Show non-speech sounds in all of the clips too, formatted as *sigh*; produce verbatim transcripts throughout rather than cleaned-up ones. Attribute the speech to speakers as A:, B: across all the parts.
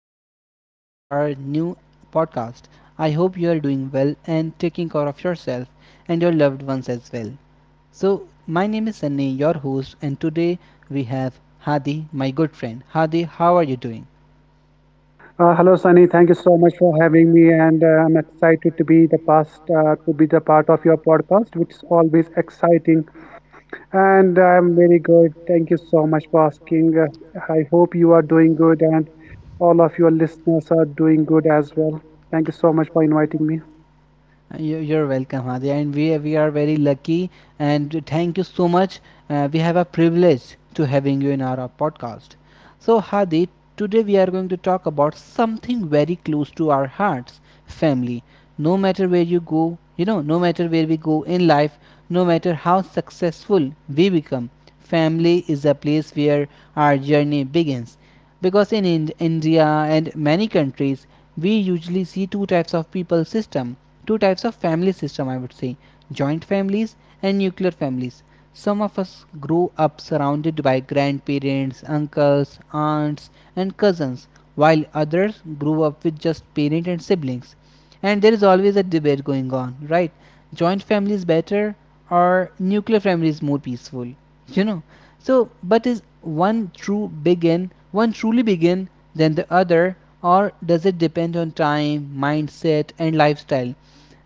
A: everyone. Welcome to our new podcast. I hope you are doing well and taking care of yourself and your loved ones as well. So, my name is Sunny, your host, and today we have Hadi, my good friend. Hadi, how are you doing?
B: Uh, hello, Sunny. Thank you so much for having me, and uh, I'm excited to be the past uh, to be the part of your podcast, which is always exciting. And I'm very good. Thank you so much for asking. Uh, I hope you are doing good, and all of your listeners are doing good as well. Thank you so much for inviting me.
A: Uh, You- You're welcome, Hadia, and we we are very lucky and thank you so much. Uh, we have a privilege to having you in our podcast. So, Hadi, today we are going to talk about something very close to our hearts, family. No matter where you go, you know, no matter where we go in life, no matter how successful we become, family is a place where our journey begins because in Ind- india and many countries we usually see two types of people system, two types of family system, I would say, joint families and nuclear families. Some of us grow up surrounded by grandparents, uncles, aunts, and cousins, while others grew up with just parent and siblings. And there is always a debate going on, right? Joint family is better or nuclear family is more peaceful *laughs* you know so but is one true begin one truly begin than the other, or does it depend on time, mindset and lifestyle?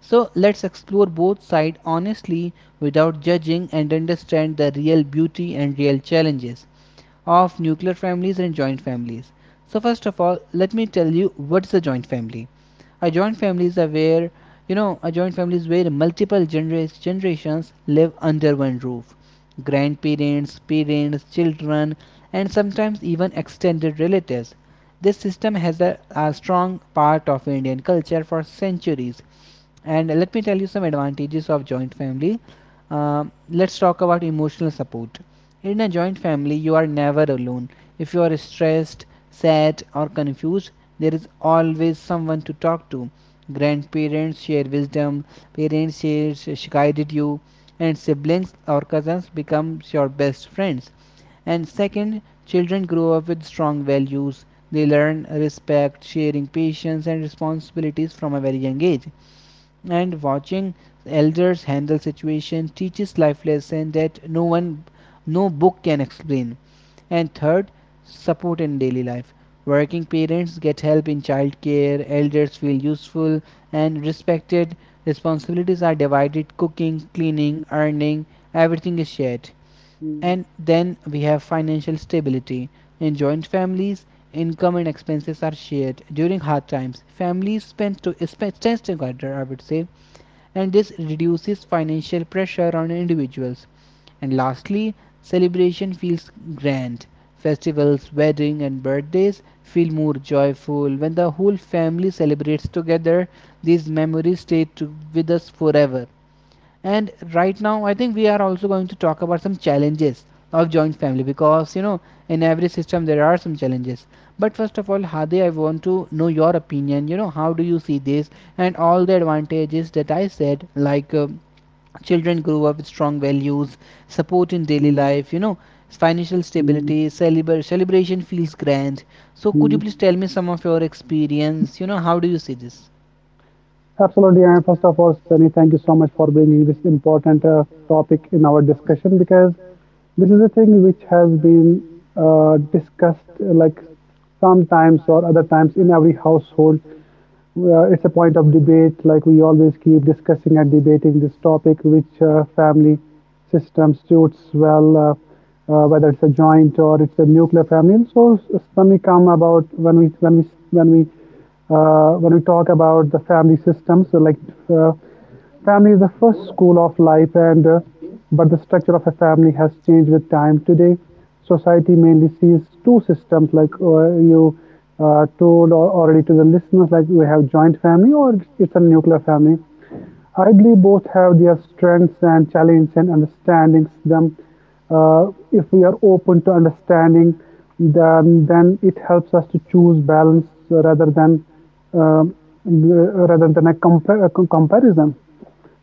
A: So let's explore both sides honestly, without judging, and understand the real beauty and real challenges of nuclear families and joint families. So first of all, let me tell you what's a joint family. A joint family is where you know A joint family is where multiple genera- generations live under one roof. Grandparents, parents, children, and sometimes even extended relatives. This system has a, a strong part of Indian culture for centuries, and let me tell you some advantages of joint family. Uh, let's talk about emotional support. In a joint family, you are never alone. If you are stressed, sad, or confused, there is always someone to talk to. Grandparents share wisdom, parents share sh- guided you, and siblings or cousins become your best friends. And second, children grow up with strong values. They learn respect, sharing, patience, and responsibilities from a very young age, and watching elders handle situation teaches life lesson that no one no book can explain. And third, support in daily life. Working parents get help in childcare, elders feel useful and respected. Responsibilities are divided: cooking, cleaning, earning, everything is shared.
B: *laughs* Mm,
A: And then we have financial stability. In joint families, income and expenses are shared. During hard times families spend to spend, stand together, I would say, and this reduces financial pressure on individuals. And lastly, celebration feels grand. Festivals, weddings, and birthdays feel more joyful when the whole family celebrates together. These memories stay to, with us forever. And right now I think we are also going to talk about some challenges of joint family because you know in every system there are some challenges. But first of all, Hadi, I want to know your opinion, you know, how do you see this? And all the advantages that I said, like, uh, children grow up with strong values, support in daily
B: mm,
A: life, you know, financial
B: mm,
A: stability, celebra- celebration feels grand. So could you
B: mm.
A: please tell me some of your experience, you know, how do you see this?
B: Absolutely. And first of all, Sunny, thank you so much for bringing this important uh, topic in our discussion, because this is a thing which has been uh, discussed uh, like sometimes or other times in every household. Uh, it's a point of debate, like we always keep discussing and debating this topic, which uh, family system suits well, uh, uh, whether it's a joint or it's a nuclear family. And so when we come about when we when we when we uh, when we talk about the family systems, so like uh, family is the first school of life, and uh, but the structure of a family has changed with time. Today, society mainly sees two systems, like uh, you uh, told or already to the listeners, like we have joint family or it's, it's a nuclear family. I believe both have their strengths and challenges and understandings them. Uh, if we are open to understanding them, then it helps us to choose balance rather than um, rather than a, compa- a comparison.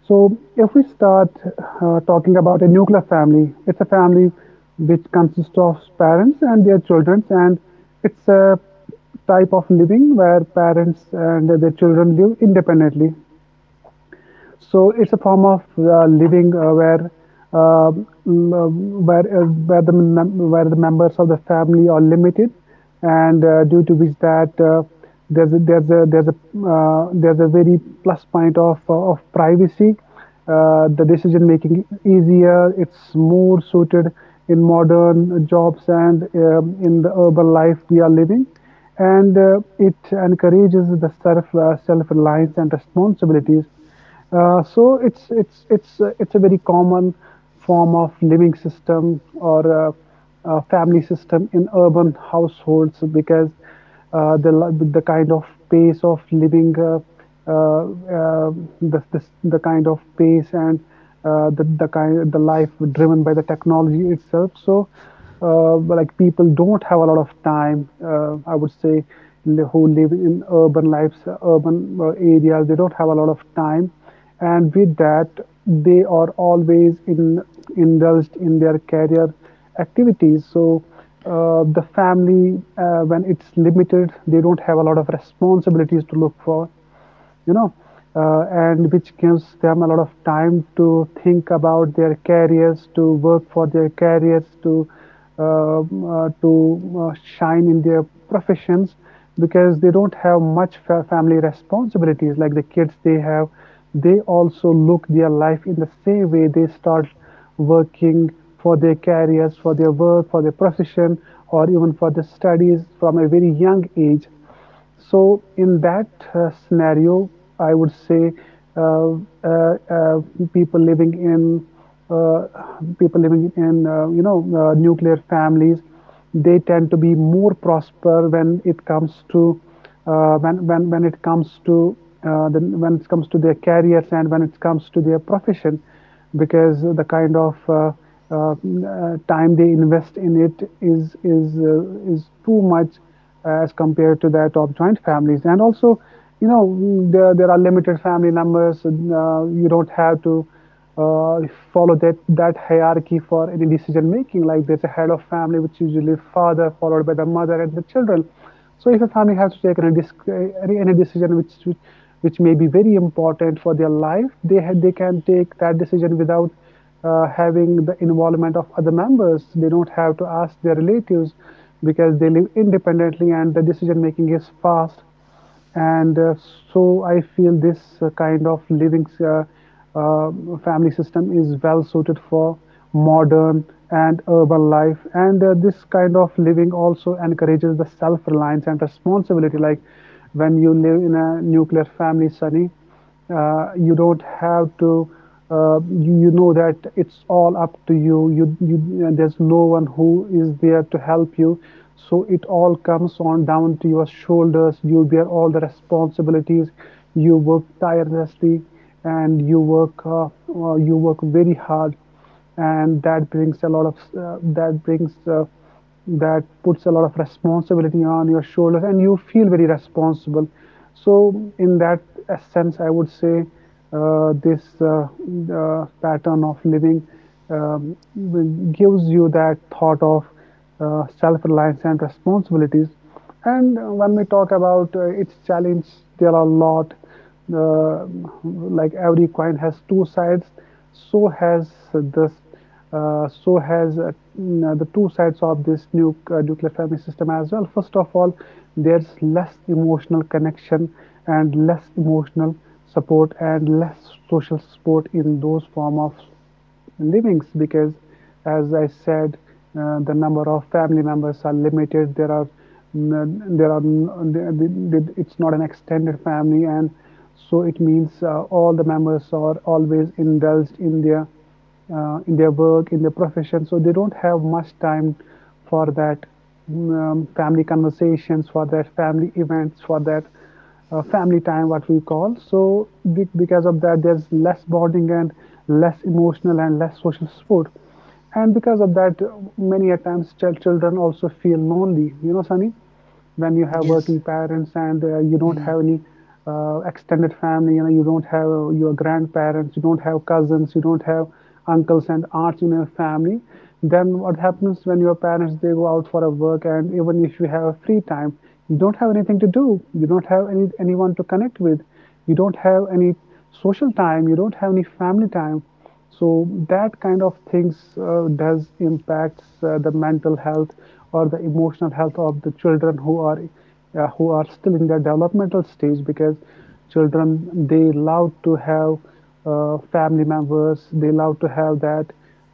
B: So, if we start uh, talking about a nuclear family, it's a family which consists of parents and their children, and it's a type of living where parents and their children live independently, so it's a form of uh, living uh, where uh, where uh, where the where the members of the family are limited, and uh, due to which that uh, there's a, there's a there's a uh, there's a very plus point of uh, of privacy. Uh, the decision making easier. It's more suited in modern jobs and um, in the urban life we are living, and uh, it encourages the self uh, self reliance and responsibilities, uh, so it's it's it's uh, it's a very common form of living system or uh, uh, family system in urban households, because uh, the li- the kind of pace of living, uh, uh, uh, the, the the kind of pace and uh, the the kind the life driven by the technology itself. So uh, like people don't have a lot of time, uh, I would say, who live in urban lives, urban uh, areas, they don't have a lot of time, and with that they are always in indulged in their career activities. So uh, the family, uh, when it's limited, they don't have a lot of responsibilities to look for, you know, uh, and which gives them a lot of time to think about their careers, to work for their careers, to um, uh, to uh, shine in their professions, because they don't have much fa- family responsibilities like the kids they have. They also look their life in the same way. They start working for their careers, for their work, for their profession, or even for the studies from a very young age. So in that uh, scenario, I would say uh, uh, uh, people living in uh, people living in, uh, you know, uh, nuclear families, they tend to be more prosper when it comes to, uh, when when when it comes to uh, the, when it comes to their careers and when it comes to their profession, because the kind of uh, uh, uh, time they invest in it is is uh, is too much as compared to that of joint families. And also, you know, mm, there, there are limited family numbers. Uh, you don't have to uh, follow that that hierarchy for any decision making. Like there's a head of family, which usually father followed by the mother and the children. So if a family has to take any, any, any decision which, which which may be very important for their life, they ha- they can take that decision without uh, having the involvement of other members. They don't have to ask their relatives, because they live independently and the decision making is fast. And uh, so I feel this uh, kind of living, uh, uh, um, family system is well suited for modern and urban life. And uh, this kind of living also encourages the self reliance and responsibility. Like when you live in a nuclear family, Sunny, uh, you don't have to uh, you, you know that it's all up to you you, you uh, There's no one who is there to help you, so it all comes on down to your shoulders. You bear all the responsibilities, you work tirelessly, and you work uh, uh, you work very hard, and that brings a lot of uh, that brings uh, that puts a lot of responsibility on your shoulders and you feel very responsible. So in that uh, sense I would say uh, this uh, uh, pattern of living um, gives you that thought of uh, self-reliance and responsibilities. And uh, when we talk about uh, its challenge, there are a lot. Uh, like every coin has two sides, so has this, uh, so has uh, mm, the two sides of this nu- uh, nuclear family system as well. First of all, there's less emotional connection and less emotional support and less social support in those form of livings, because as I said, uh, the number of family members are limited. There are there are It's not an extended family, and so it means uh, all the members are always indulged in their uh, in their work, in their profession. So they don't have much time for that mm, um, family conversations, for that family events, for that uh, family time, what we call. So be- because of that, there's less bonding and less emotional and less social support. And because of that, uh, many a times chil- children also feel lonely. You know, Sunny, when you have
A: Yes.
B: working parents, and uh, you don't
A: Mm.
B: have any uh, extended family, you know, you don't have your grandparents, you don't have cousins, you don't have uncles and aunts in your family, then what happens when your parents they go out for a work, and even if you have free time, you don't have anything to do, you don't have any anyone to connect with, you don't have any social time, you don't have any family time. So that kind of things uh, does impacts uh, the mental health or the emotional health of the children who are uh, who are still in their developmental stage, because children they love to have uh, family members, they love to have that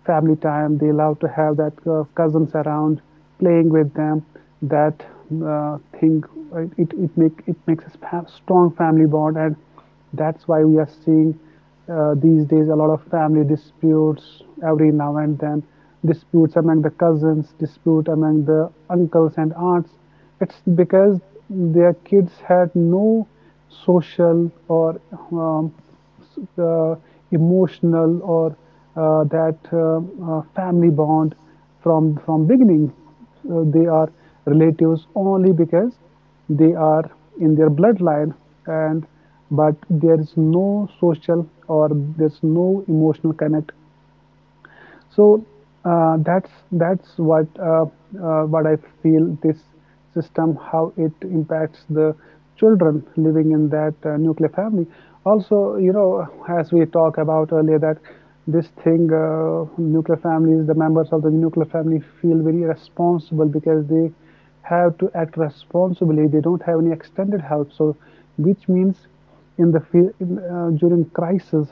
B: family time, they love to have that uh, cousins around playing with them. That uh, thing, uh, it, it make it makes a sp- strong family bond, and that's why we are seeing uh, these days a lot of family disputes every now and then, disputes among the cousins, dispute among the uncles and aunts. It's because their kids had no social or um, s- uh, emotional or uh, that um, uh, family bond from from beginning. Uh, they are relatives only because they are in their bloodline, and but there is no social or there's no emotional connect. So uh, that's that's what uh, uh, what I feel this system how it impacts the children living in that uh, nuclear family. Also, you know, as we talked about earlier, that this thing, uh, nuclear families, the members of the nuclear family feel very responsible because they have to act responsibly. They don't have any extended help, so which means in the field in, uh, during crisis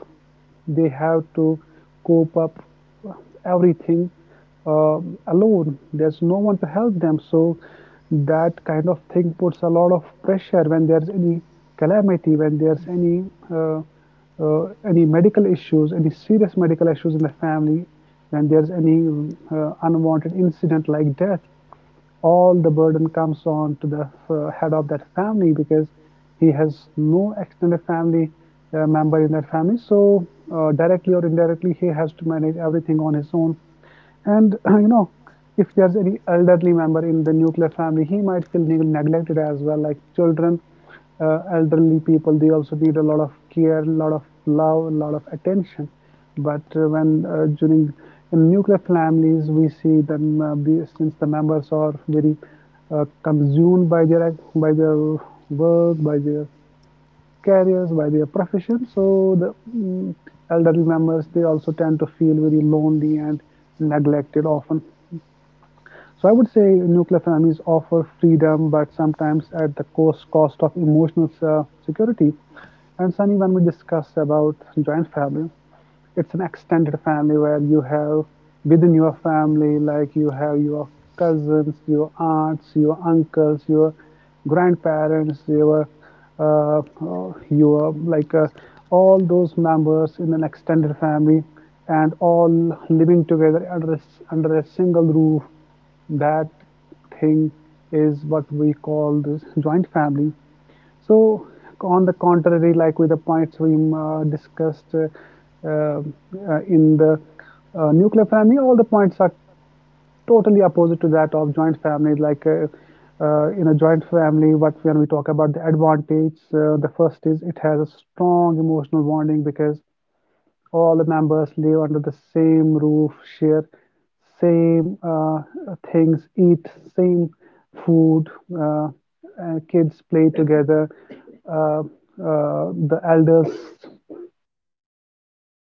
B: they have to cope up everything uh, alone. There's no one to help them. So that kind of thing puts a lot of pressure when there's any calamity, when there's any uh, uh, any medical issues, any serious medical issues in the family, when there's any um, uh, unwanted incident like death, all the burden comes on to the uh, head of that family, because he has no extended family uh, member in that family. So, uh, directly or indirectly, he has to manage everything on his own. And uh, you know, if there's any elderly member in the nuclear family, he might feel neg- neglected as well. Like children, uh, elderly people, they also need a lot of care, a lot of love, a lot of attention. But uh, when uh, during in nuclear families, we see them uh, be, since the members are very uh, consumed by their ac- by their work, by their careers, by their profession. So the mm, elderly members they also tend to feel very lonely and neglected often. So I would say nuclear families offer freedom, but sometimes at the cost cost of emotional uh, security. And Sunny, when we discuss about joint family, it's an extended family where you have within your family, like you have your cousins, your aunts, your uncles, your grandparents, your uh, uh, your like uh, all those members in an extended family, and all living together under a s- under a single roof. That thing is what we call this joint family. So, on the contrary, like with the points we um, uh, discussed uh, uh, in the uh, nuclear family, all the points are totally opposite to that of joint family. Like uh, uh, in a joint family, what when we talk about the advantage, uh, the first is it has a strong emotional bonding because all the members live under the same roof, share same uh, things, eat same food, uh, and kids play together. Uh, uh, the elders,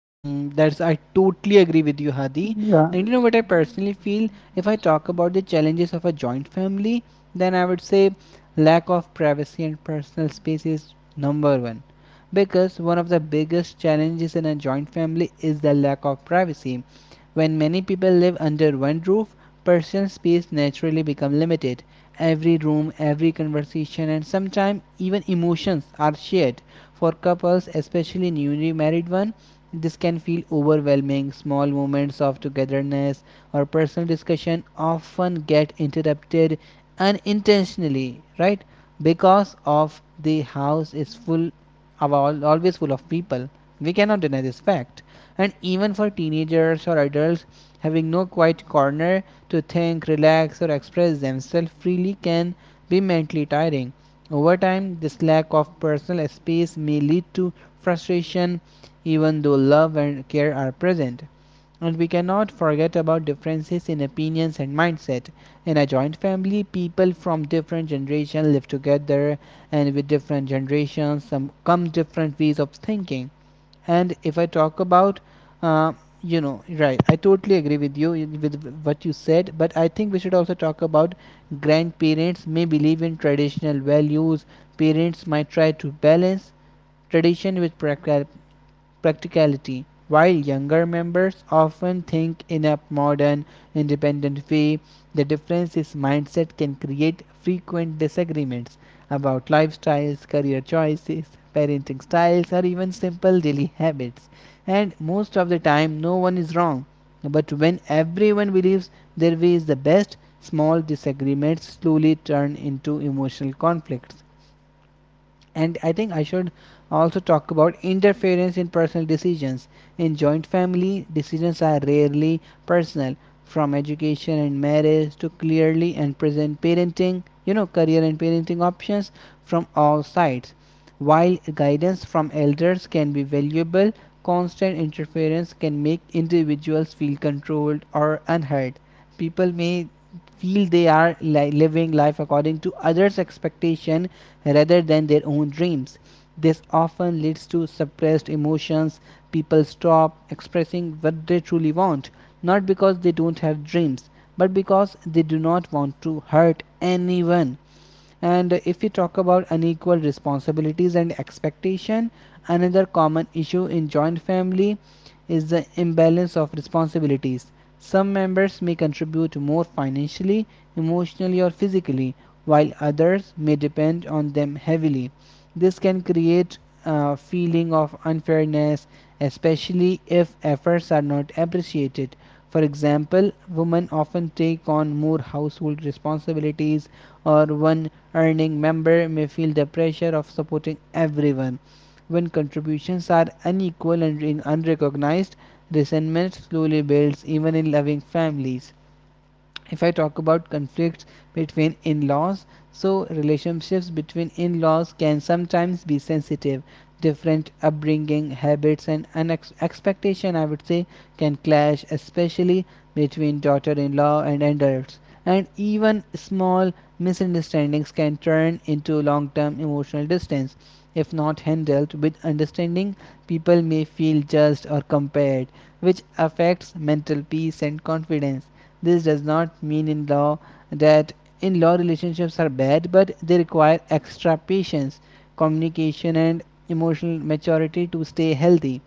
A: Mm, that's, I totally agree with you, Hadi.
B: yeah.
A: And you know what I personally feel? If I talk about the challenges of a joint family, then I would say lack of privacy and personal space is number one. Because one of the biggest challenges in a joint family is the lack of privacy. When many people live under one roof, personal space naturally becomes limited. Every room, every conversation, and sometimes even emotions are shared. For couples, especially newly married one, this can feel overwhelming. Small moments of togetherness or personal discussion often get interrupted unintentionally, right? Because of the house is full of all, always full of people. We cannot deny this fact. And even for teenagers or adults, having no quiet corner to think, relax, or express themselves freely can be mentally tiring. Over time, this lack of personal space may lead to frustration, even though love and care are present. And we cannot forget about differences in opinions and mindset. In a joint family, people from different generations live together, and with different generations some come different ways of thinking. And if I talk about, uh, you know, right, I totally agree with you with what you said, but I think we should also talk about grandparents may believe in traditional values. Parents might try to balance tradition with prac- practicality. While younger members often think in a modern, independent way, the difference in mindset can create frequent disagreements about lifestyles, career choices, parenting styles, or even simple daily habits. And most of the time, no one is wrong. But when everyone believes their way is the best, small disagreements slowly turn into emotional conflicts. And I think I should also talk about interference in personal decisions. In joint family, decisions are rarely personal, from education and marriage to clearly and present parenting, you know, career and parenting options from all sides. While guidance from elders can be valuable, constant interference can make individuals feel controlled or unheard. People may feel they are li- living life according to others' expectation rather than their own dreams. This often leads to suppressed emotions. People stop expressing what they truly want, not because they don't have dreams, but because they do not want to hurt anyone. And if we talk about unequal responsibilities and expectation, another common issue in joint family is the imbalance of responsibilities. Some members may contribute more financially, emotionally or physically, while others may depend on them heavily. This can create a feeling of unfairness, especially if efforts are not appreciated. For example, women often take on more household responsibilities, or one earning member may feel the pressure of supporting everyone. When contributions are unequal and re- unrecognized, resentment slowly builds even in loving families. If I talk about conflicts between in laws, so relationships between in laws can sometimes be sensitive. Different upbringing, habits, and expectation, I would say, can clash, especially between daughter in law and adults. And even small misunderstandings can turn into long term emotional distance. If not handled with understanding, people may feel judged or compared, which affects mental peace and confidence. This does not mean in law that in law relationships are bad, but they require extra patience, communication, and emotional maturity to stay healthy.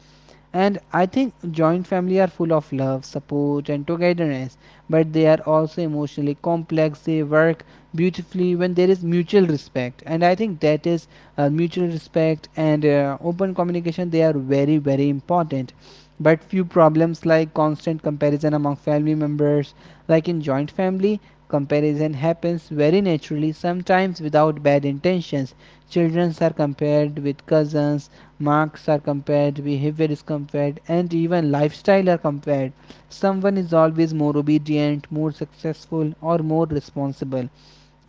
A: And I think joint family are full of love, support, and togetherness, but they are also emotionally complex. They work beautifully when there is mutual respect, and I think that is uh, mutual respect and uh, open communication. They are very very important. But few problems like constant comparison among family members, like in joint family, comparison happens very naturally, sometimes without bad intentions. Children are compared with cousins, marks are compared, behavior is compared, and even lifestyle are compared. Someone is always more obedient, more successful, or more responsible.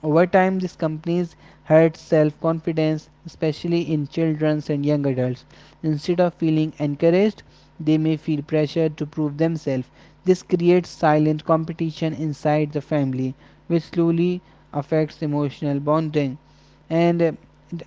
A: Over time, these companies hurt self confidence, especially in children and young adults. Instead of feeling encouraged, they may feel pressure to prove themselves. This creates silent competition inside the family, which slowly affects emotional bonding. And uh,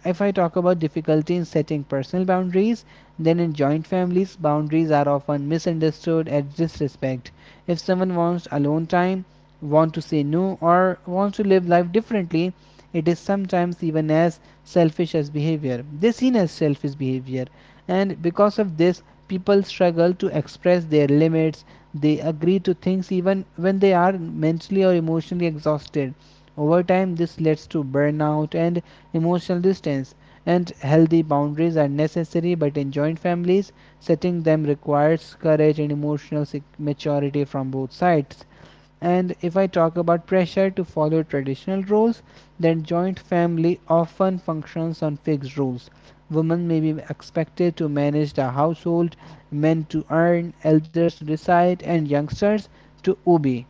A: If I talk about difficulty in setting personal boundaries, then in joint families, boundaries are often misunderstood as disrespect. If someone wants alone time, want to say no or want to live life differently, it is sometimes even as selfish as behavior they seen as selfish behavior. And because of this, people struggle to express their limits. They agree to things even when they are mentally or emotionally exhausted. Over time this leads to burnout and emotional distance. And healthy boundaries are necessary, but in joint families setting them requires courage and emotional maturity from both sides. And if I talk about pressure to follow traditional roles, then joint family often functions on fixed rules. Women may be expected to manage the household, men to earn, elders to decide, and youngsters to obey.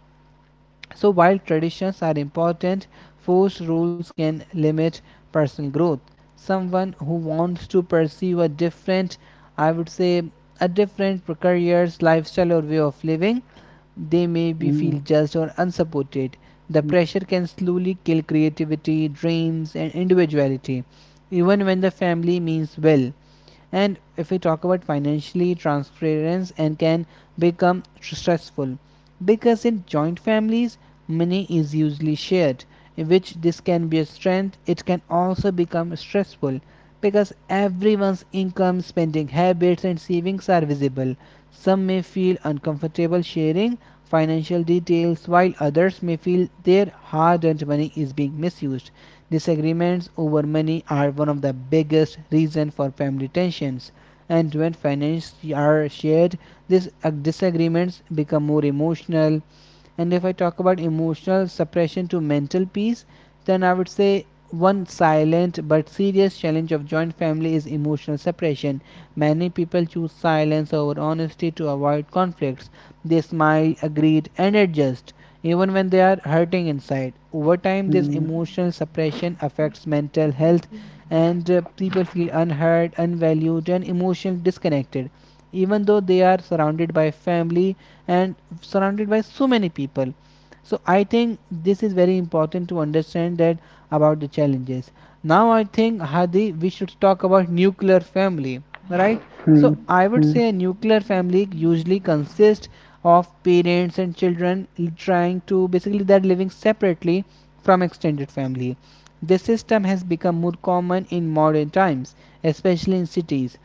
A: So, while traditions are important, forced rules can limit personal growth. Someone who wants to pursue a different, I would say, a different career's lifestyle or way of living, they may
B: Mm,
A: be feel judged or unsupported. The
B: mm,
A: pressure can slowly kill creativity, dreams, and individuality, even when the family means well. And if we talk about financially transference, and can become stressful because in joint families money is usually shared, in which this can be a strength, it can also become stressful because everyone's income, spending habits and savings are visible. Some may feel uncomfortable sharing financial details, while others may feel their hard-earned money is being misused. Disagreements over money are one of the biggest reasons for family tensions, and when finances are shared, these uh, disagreements become more emotional. And if I talk about emotional suppression to mental peace, then I would say one silent but serious challenge of joint family is emotional suppression. Many people choose silence over honesty to avoid conflicts. They smile, agree, and adjust, even when they are hurting inside. Over time, this
B: mm,
A: emotional suppression affects mental health, and uh, people feel unheard, unvalued, and emotionally disconnected. Even though they are surrounded by family and surrounded by so many people, so I think this is very important to understand that, about the challenges. Now I think, Hadi, we should talk about nuclear family, right?
B: mm,
A: So I would
B: mm,
A: say a nuclear family usually consists of parents and children, trying to basically they're living separately from extended family. This system has become more common in modern times, especially in cities.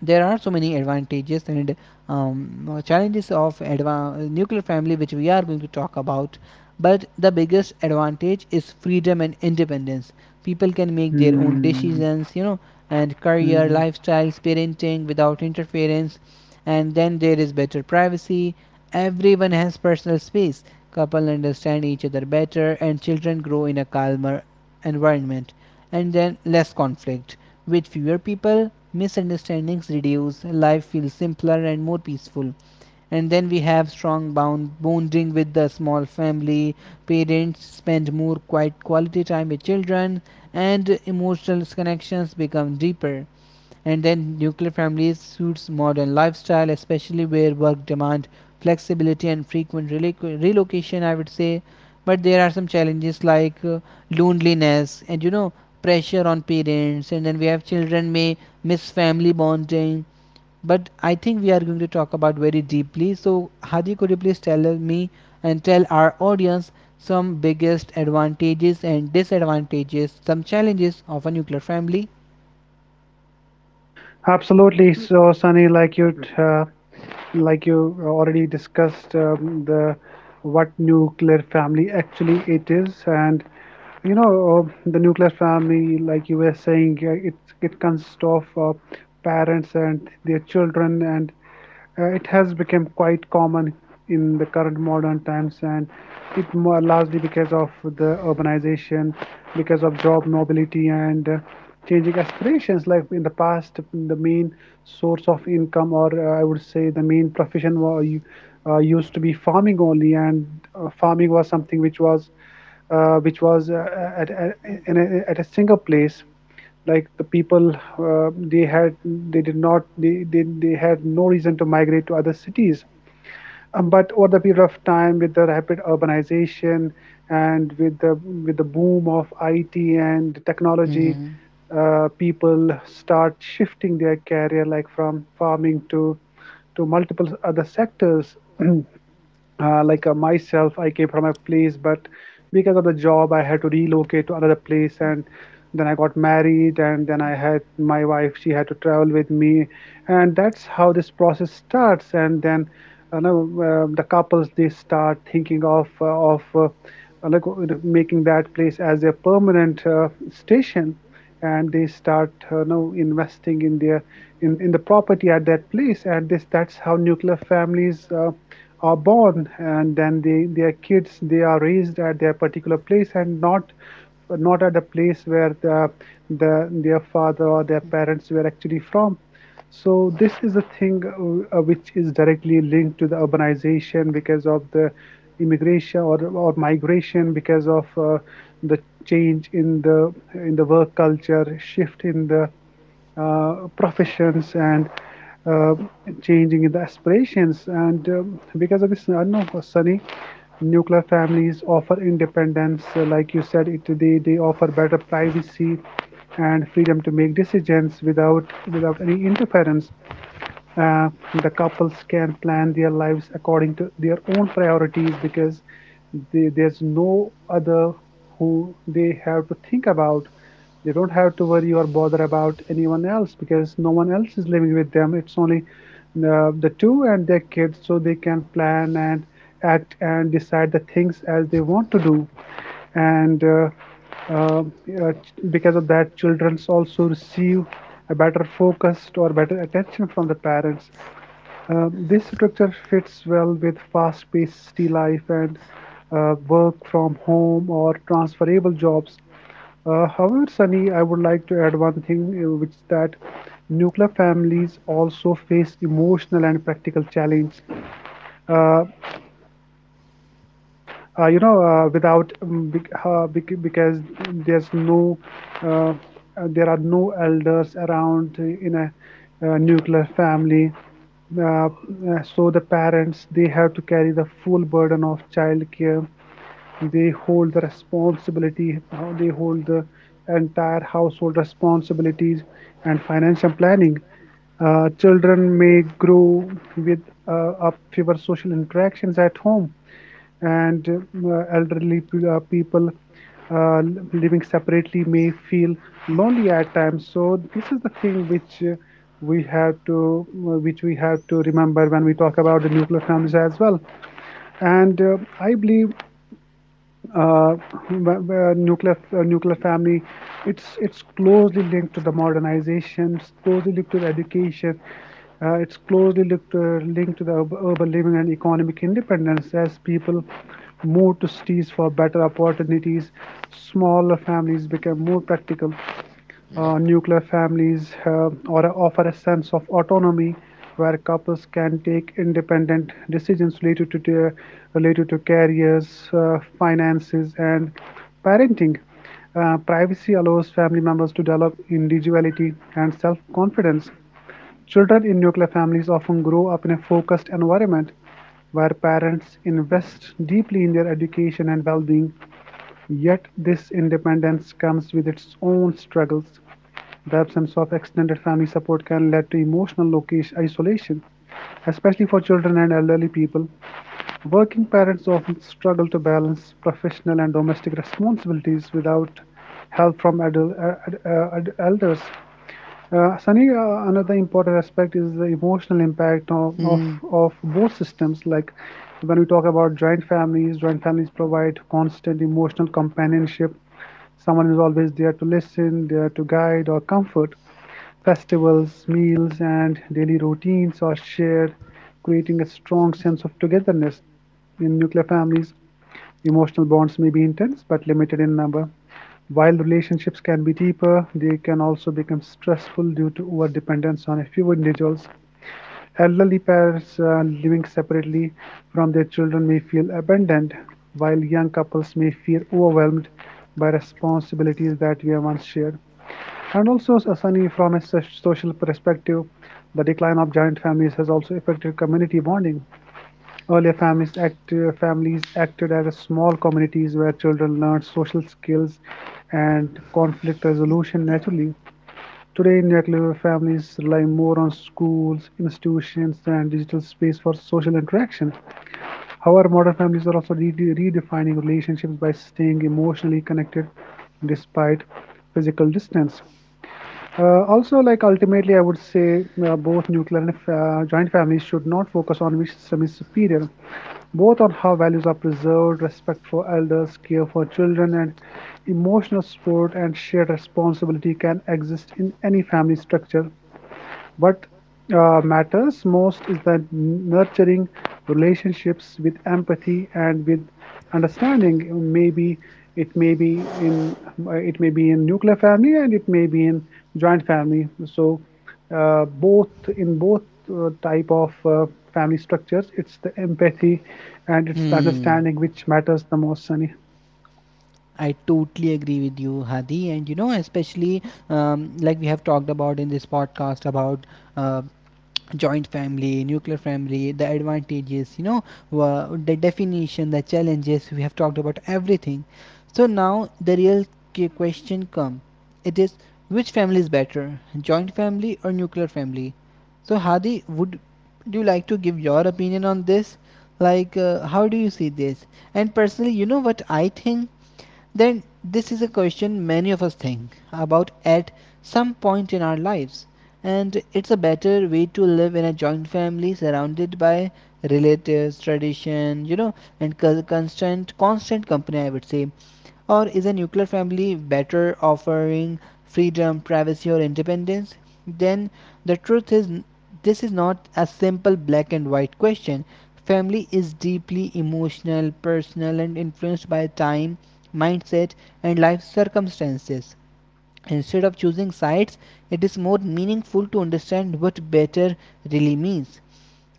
A: There are so many advantages and um, uh, challenges of nuclear family which we are going to talk about, but the biggest advantage is freedom and independence. People can make their own
B: mm,
A: decisions, you know and career,
B: mm.
A: lifestyles, parenting without interference. And then there is better privacy. Everyone has personal space, couple understand each other better, and children grow in a calmer environment. And then less conflict. With fewer people, misunderstandings reduce, life feels simpler and more peaceful. And then we have strong bound bonding with the small family. Parents spend more quiet quality time with children, and emotional connections become deeper. And then nuclear families suits modern lifestyle, especially where work demand flexibility and frequent relocation, I would say. But there are some challenges, like uh, loneliness and you know pressure on parents. And then we have children may miss family bonding. But I think we are going to talk about very deeply, so Hadi, could you please tell me and tell our audience some biggest advantages and disadvantages, some challenges of a nuclear family?
B: Absolutely. So, Sunny, like you uh, like you already discussed um, the what nuclear family actually it is. And you know, uh, the nuclear family, like you were saying, uh, it it consists of uh, parents and their children, and uh, it has become quite common in the current modern times, and it more largely because of the urbanization, because of job mobility and uh, changing aspirations. Like in the past, the main source of income, or uh, I would say the main profession, wa- u- uh, used to be farming only, and uh, farming was something which was uh, which was uh, at, at, in a, at a single place. Like the people, uh, they had they did not they, they they had no reason to migrate to other cities. Um, but over the period of time, with the rapid urbanization and with the with the boom of I T and
A: Mm-hmm.
B: technology, uh, people start shifting their career, like from farming to to multiple other sectors. *clears throat* Uh, like uh, myself, I came from a place, but because of the job, I had to relocate to another place, and then I got married, and then I had my wife, she had to travel with me, and that's how this process starts. And then, you know, um the couples, they start thinking of uh, of uh, like uh, making that place as a permanent uh, station, and they start uh, now investing in their in, in the property at that place, and this that's how nuclear families uh, are born. And then they their kids, they are raised at their particular place and not not at the place where the, the their father or their parents were actually from. So this is a thing, uh, uh, which is directly linked to the urbanization, because of the immigration or, or migration, because of uh, the change in the in the work culture, shift in the uh, professions, and uh, changing in the aspirations. And um, because of this, I don't know, Sunny, nuclear families offer independence. Uh, like you said, it they, they offer better privacy and freedom to make decisions without without any interference. uh, the couples can plan their lives according to their own priorities, because they, there's no other who they have to think about. They don't have to worry or bother about anyone else, because no one else is living with them. It's only uh, the two and their kids, so they can plan and act and decide the things as they want to do. And uh, uh, uh, because of that, children also receive a better focused or better attention from the parents. Um, this structure fits well with fast-paced city life and uh, work from home or transferable jobs. Uh, however, Sunny, I would like to add one thing, uh, which is that nuclear families also face emotional and practical challenge. Uh, uh, you know, uh, without um, bec- uh, bec- because there's no uh, uh, there are no elders around in a uh nuclear family uh, uh, so the parents, they have to carry the full burden of childcare. They hold the responsibility, how they hold the entire household responsibilities and financial planning. Uh, children may grow with uh, up fewer social interactions at home, and uh, elderly p- uh, people uh, living separately may feel lonely at times. So this is the thing which uh, we have to uh, which we have to remember when we talk about the nuclear families as well. And uh, I believe uh, wh- nuclear uh, nuclear family, it's it's closely linked to the modernization, it's closely linked to the education, uh, it's closely linked to, linked to the ur- urban living and economic independence. As people move to cities for better opportunities, smaller families become more practical. Uh, nuclear families have, or offer, a sense of autonomy where couples can take independent decisions related to their related to careers, uh, finances, and parenting. Uh, privacy allows family members to develop individuality and self-confidence. Children in nuclear families often grow up in a focused environment where parents invest deeply in their education and well being. Yet, this independence comes with its own struggles. The absence of extended family support can lead to emotional isolation, especially for children and elderly people. Working parents often struggle to balance professional and domestic responsibilities without help from adult, uh, uh, uh, elders. Uh, Sunny, uh, another important aspect is the emotional impact of, of,
A: Hmm.
B: of both systems. Like when we talk about joint families, joint families provide constant emotional companionship. Someone is always there to listen, there to guide or comfort. Festivals, meals, and daily routines are shared, creating a strong sense of togetherness. In nuclear families, emotional bonds may be intense but limited in number. While relationships can be deeper, they can also become stressful due to overdependence on a few individuals. Elderly parents uh, living separately from their children may feel abandoned, while young couples may feel overwhelmed by responsibilities that were once shared. And also, uh, Sunny, from a social perspective, the decline of giant families has also affected community bonding. Earlier families act uh, families acted as small communities where children learned social skills and conflict resolution naturally. Today, nuclear families rely more on schools, institutions, and digital space for social interaction. However, modern families are also re- redefining relationships by staying emotionally connected despite physical distance. Uh, also, like ultimately, I would say uh, both nuclear and uh, joint families should not focus on which system is superior, both on how values are preserved, respect for elders, care for children, and emotional support and shared responsibility can exist in any family structure. What uh, matters most is the nurturing relationships with empathy and with understanding. Maybe it may be in it may be in nuclear family, and it may be in joint family. So uh, both in both uh, type of uh, family structures, it's the empathy and it's the
A: Hmm.
B: understanding which matters the most, Sunny.
A: I totally agree with you, Hadi. And you know, especially, um, like we have talked about in this podcast about uh, joint family, nuclear family, the advantages, you know wha- the definition, the challenges, we have talked about everything. So now the real question come, it is: which family is better, joint family or nuclear family? So Hadi, would do you like to give your opinion on this, like uh, how do you see this? And personally, you know what I think, then this is a question many of us think about at some point in our lives, and it's a better way to live in a joint family surrounded by relatives, tradition, you know, and co- constant, constant company, I would say. Or is a nuclear family better, offering freedom, privacy, or independence? Then the truth is, this is not a simple black and white question. Family is deeply emotional, personal, and influenced by time, mindset, and life circumstances. Instead of choosing sides, it is more meaningful to understand what better really means.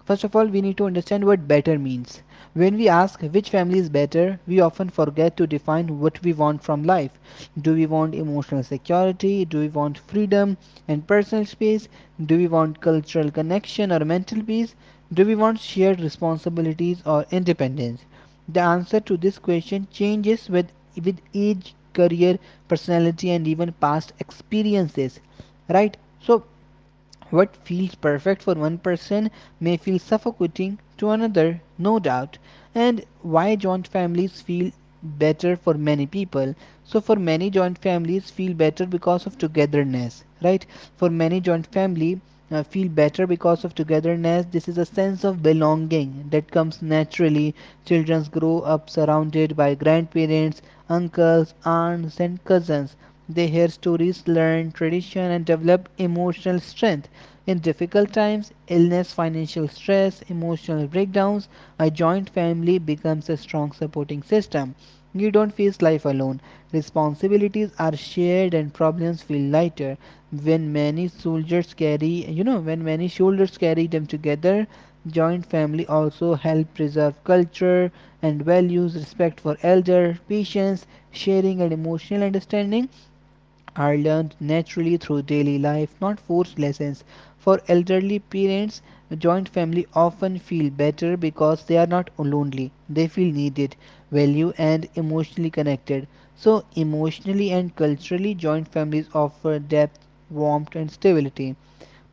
A: First of all, we need to understand what better means. When we ask which family is better, we often forget to define what we want from life. Do we want emotional security? Do we want freedom and personal space? Do we want cultural connection or mental peace? Do we want shared responsibilities or independence? The answer to this question changes with, with age, career, personality, and even past experiences. Right? So, what feels perfect for one person may feel suffocating to another, no doubt. And why joint families feel better for many people? So, for many, joint families feel better because of togetherness, right? For many, joint family uh, feel better because of togetherness. This is a sense of belonging that comes naturally. Children grow up surrounded by grandparents, uncles, aunts, and cousins. They hear stories, learn tradition, and develop emotional strength. In difficult times, illness, financial stress, emotional breakdowns, a joint family becomes a strong supporting system. You don't face life alone. Responsibilities are shared and problems feel lighter. When many soldiers carry, you know, when many shoulders carry them together, joint family also help preserve culture and values. Respect for elder, patience, sharing and emotional understanding are learned naturally through daily life, not forced lessons. For elderly parents, joint family often feel better because they are not lonely. They feel needed, valued, and emotionally connected. So, emotionally and culturally, joint families offer depth, warmth, and stability.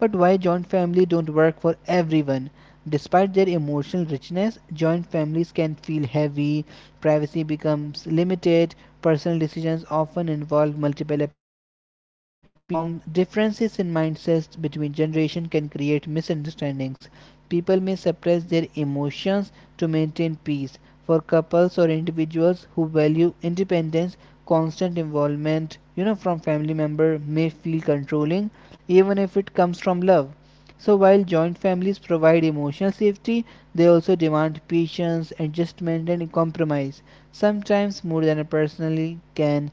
A: But why joint family don't work for everyone? Despite their emotional richness, joint families can feel heavy, privacy becomes limited, personal decisions often involve multiple opinions. Deform differences in mindsets between generations can create misunderstandings. People may suppress their emotions to maintain peace. For couples or individuals who value independence, constant involvement, you know, from family member may feel controlling even if it comes from love. So, while joint families provide emotional safety, they also demand patience, adjustment, and compromise, sometimes more than a personally can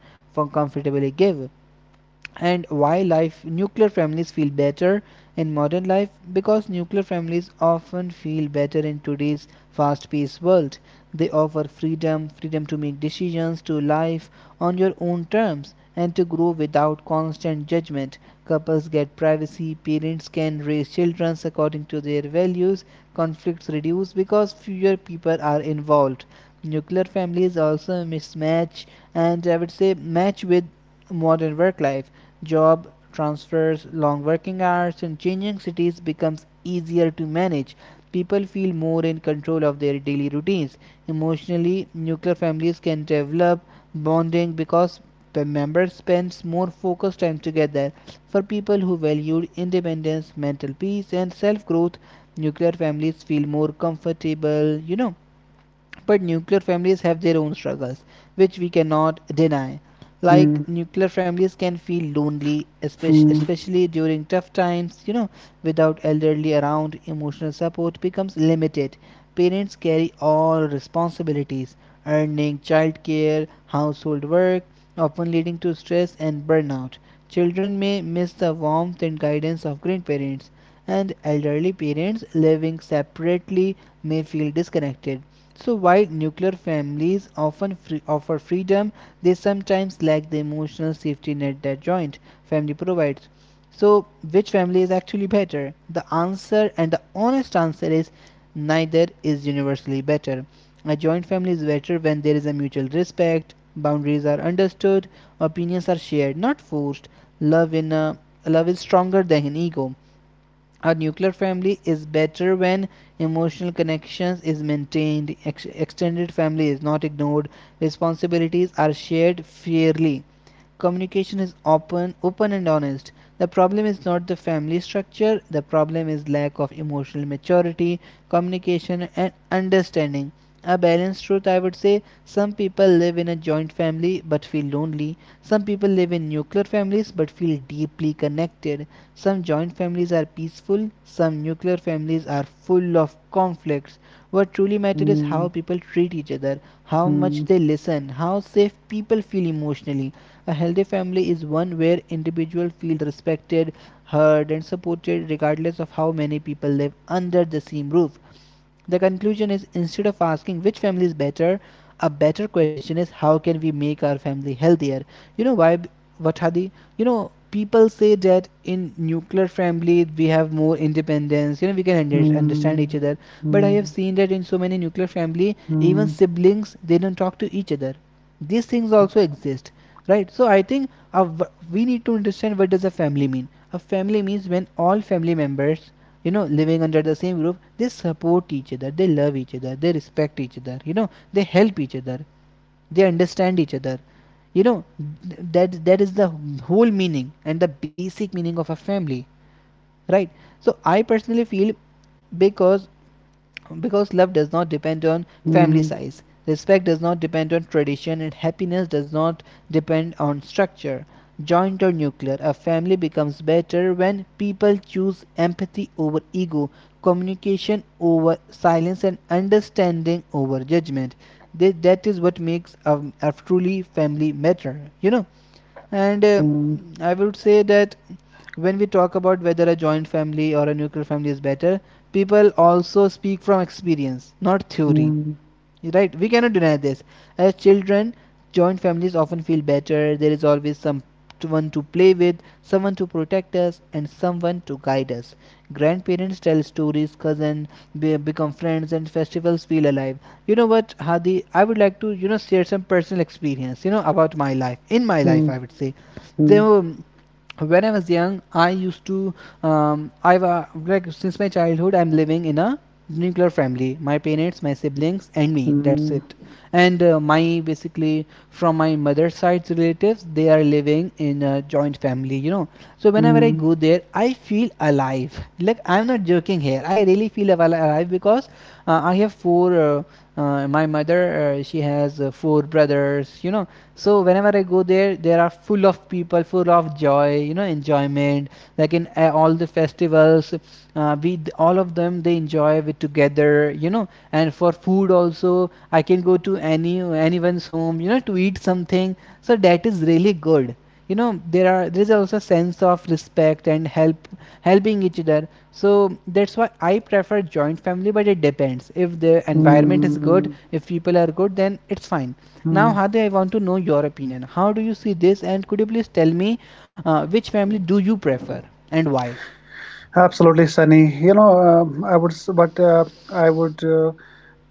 A: comfortably give. And why life nuclear families feel better in modern life: because nuclear families often feel better in today's fast-paced world. They offer freedom freedom to make decisions, to life on your own terms, and to grow without constant judgment. Couples get privacy, parents can raise children according to their values, conflicts reduce because fewer people are involved. Nuclear families also mismatch, and I would say match with modern work life. Job transfers, long working hours, and changing cities becomes easier to manage. People feel more in control of their daily routines. Emotionally, nuclear families can develop bonding because the members spend more focused time together. For people who value independence, mental peace, and self growth, nuclear families feel more comfortable, you know. But nuclear families have their own struggles, which we cannot deny. Like
B: Hmm,
A: nuclear families can feel lonely, espe
B: hmm,
A: especially during tough times, you know, without elderly around, emotional support becomes limited. Parents carry all responsibilities, earning childcare, household work, often leading to stress and burnout. Children may miss the warmth and guidance of grandparents, and elderly parents living separately may feel disconnected. So while nuclear families often free- offer freedom, they sometimes lack the emotional safety net that joint family provides. So which family is actually better? The answer and the honest answer is neither is universally better. A joint family is better when there is a mutual respect, boundaries are understood, opinions are shared, not forced. Love in a love is stronger than ego. A nuclear family is better when emotional connections is maintained, ex- extended family is not ignored, responsibilities are shared fairly, communication is open open and honest. The problem is not the family structure, the problem is lack of emotional maturity, communication and understanding. A balanced truth, I would say: some people live in a joint family but feel lonely, some people live in nuclear families but feel deeply connected. Some joint families are peaceful, some nuclear families are full of conflicts. What truly matters is how
B: hmm,
A: people treat each other, how much
B: hmm,
A: they listen, how safe people feel emotionally. A healthy family is one where individuals feel respected, heard, and supported regardless of how many people live under the same roof. The conclusion is: instead of asking which family is better, a better question is how can we make our family healthier? You know why, b- what, Hadi? You know, people say that in nuclear family we have more independence, you know, we can under- understand
B: hmm,
A: each other. But I
B: hmm,
A: have seen that in so many nuclear family, even
B: hmm,
A: siblings, they don't talk to each other. These things
B: hmm,
A: also exist, right? So I think uh, w- we need to understand what does a family mean. A family means when all family members, you know living under the same roof, they support each other, they love each other, they respect each other, you know they help each other, they understand each other you know that that is the whole meaning and the basic meaning of a family, right? So I personally feel, because because love does not depend on family
B: hmm.
A: size, respect does not depend on tradition, and happiness does not depend on structure. Joint or nuclear, a family becomes better when people choose empathy over ego, communication over silence, and understanding over judgment. they, that is what makes a, a truly family matter you know And uh,
B: Mm,
A: I would say that when we talk about whether a joint family or a nuclear family is better, people also speak from experience, not theory,
B: mm,
A: right? We cannot deny this. As children, joint families often feel better. There is always someone to play with, someone to protect us, and someone to guide us. Grandparents tell stories, cousins be- become friends, and festivals feel alive. You know what, Hadi, I would like to, you know share some personal experience, you know about my life. In my life,
B: mm,
A: I would say
B: mm,
A: there were, when I was young, I used to, um, I was like, since my childhood I'm living in a nuclear family. My parents, my siblings, and me. That's
B: mm,
A: it. And uh, my basically, from my mother's side's relatives, they are living in a joint family. You know, so whenever I
B: mm,
A: go there, I feel alive. Like I'm not joking here. I really feel al- alive because uh, I have four. Uh, uh, my mother, uh, she has uh, four brothers. You know, so whenever I go there, there are full of people, full of joy you know enjoyment. Like in uh, all the festivals, uh, we all of them, they enjoy with together, you know and for food also, I can go to any anyone's home you know to eat something. So that is really good you know there are there is also a sense of respect and help helping each other. So that's why I prefer joint family, but it depends. If the environment is good,
B: mm,
A: if people are good, then it's fine. Now,
B: mm.
A: Hadi, I want to know your opinion. How do you see this, and could you please tell me uh, which family do you prefer and why?
B: Absolutely, Sunny. You know, um, I would, s- but uh, I would uh,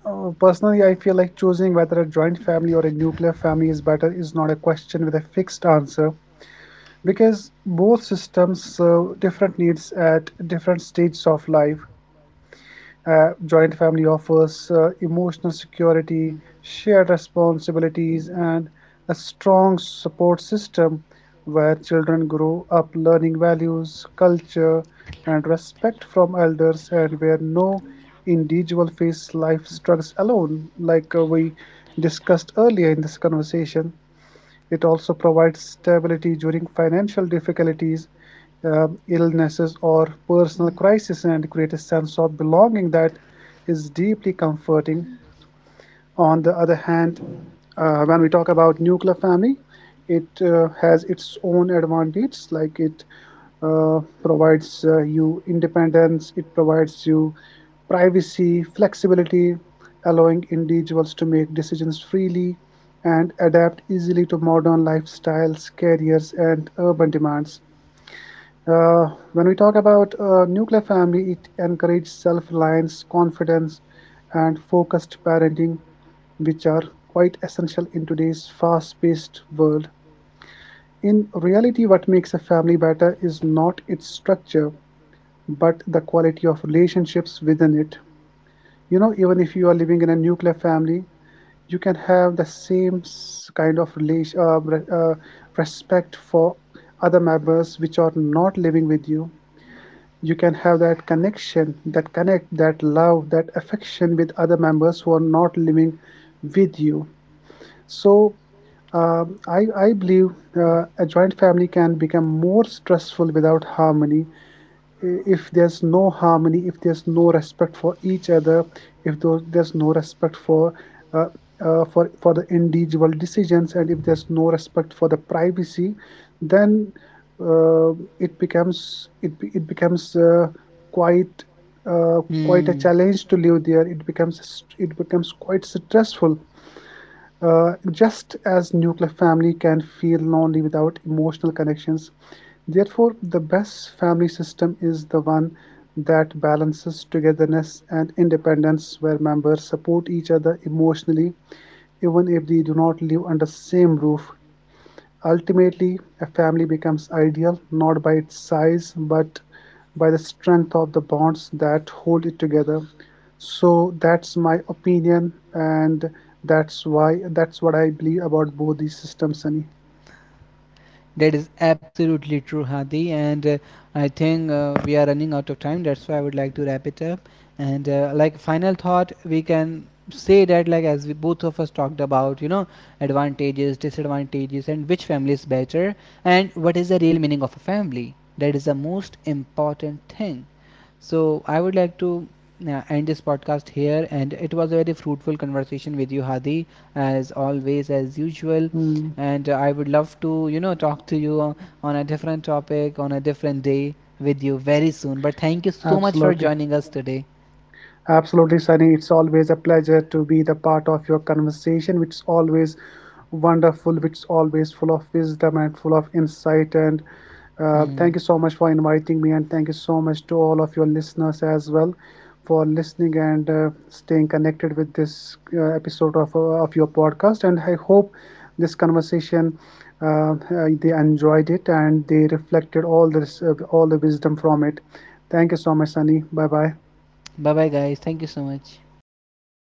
B: uh, personally, I feel like choosing whether a joint family or a nuclear family is better is not a question with a fixed answer, because both systems serve different needs at different stages of life. Uh, joint family offers uh, emotional
A: Mm,
B: security, shared responsibilities, and a strong support system where children grow up learning values, culture, and respect from elders, and where no individual face life struggles alone, like uh, we discussed earlier in this conversation. It also provides stability during financial difficulties, um, illnesses, or personal crisis, and creates a sense of belonging that is deeply comforting. On the other hand, uh, when we talk about nuclear family, it uh, has its own advantages, like it uh, provides uh, you independence, it provides you privacy, flexibility, allowing individuals to make decisions freely and adapt easily to modern lifestyles, careers, and urban demands. Uh, when we talk about a nuclear family, it encourages self-reliance, confidence, and focused parenting, which are quite essential in today's fast-paced world. In reality, what makes a family better is not its structure, but the quality of relationships within it. You know, even if you are living in a nuclear family, you can have the same s- kind of relation, uh, re- uh, respect for other members which are not living with you. You can have that connection, that connect, that love, that affection with other members who are not living with you. So um, I, I believe
A: mm.
B: uh, a joint family can become more stressful without harmony. If there's no harmony, if there's no respect for each other, if there's no respect for uh, uh, for for the individual decisions, and if there's no respect for the privacy, then uh, it becomes it it becomes uh, quite uh, quite a
A: Hmm.
B: challenge to live there. It becomes it becomes quite stressful, uh, just as nuclear family can feel lonely without emotional connections. Therefore, the best family system is the one that balances togetherness and independence, where members support each other emotionally even if they do not live under the same roof. Ultimately, a family becomes ideal not by its size but by the strength of the bonds that hold it together. So that's my opinion, and that's why that's what I believe about both these systems, Sunny.
A: That is absolutely true, Hadi. And uh, I think uh, we are running out of time. That's why I would like to wrap it up. And uh, like final thought, we can say that, like as we both of us talked about, you know, advantages, disadvantages, and which family is better, and what is the real meaning of a family. That is the most important thing. So I would like to uh, end this podcast here, and it was a very fruitful conversation with you, Hadi, as always, as usual.
B: Mm,
A: And uh, I would love to, you know, talk to you on, on a different topic on a different day with you very soon. But thank you so much for
B: absolutely.
A: joining us today.
B: Absolutely, Sunny. It's always a pleasure to be the part of your conversation, which is always wonderful, which is always full of wisdom and full of insight. And uh, thank
A: Mm.
B: you so much for inviting me, and thank you so much to all of your listeners as well for listening and uh, staying connected with this uh, episode of uh, of your podcast. And I hope this conversation uh, uh, they enjoyed it and they reflected all this uh, all the wisdom from it. Thank you so much, Sunny. Bye bye.
A: Bye bye, guys. Thank you so much.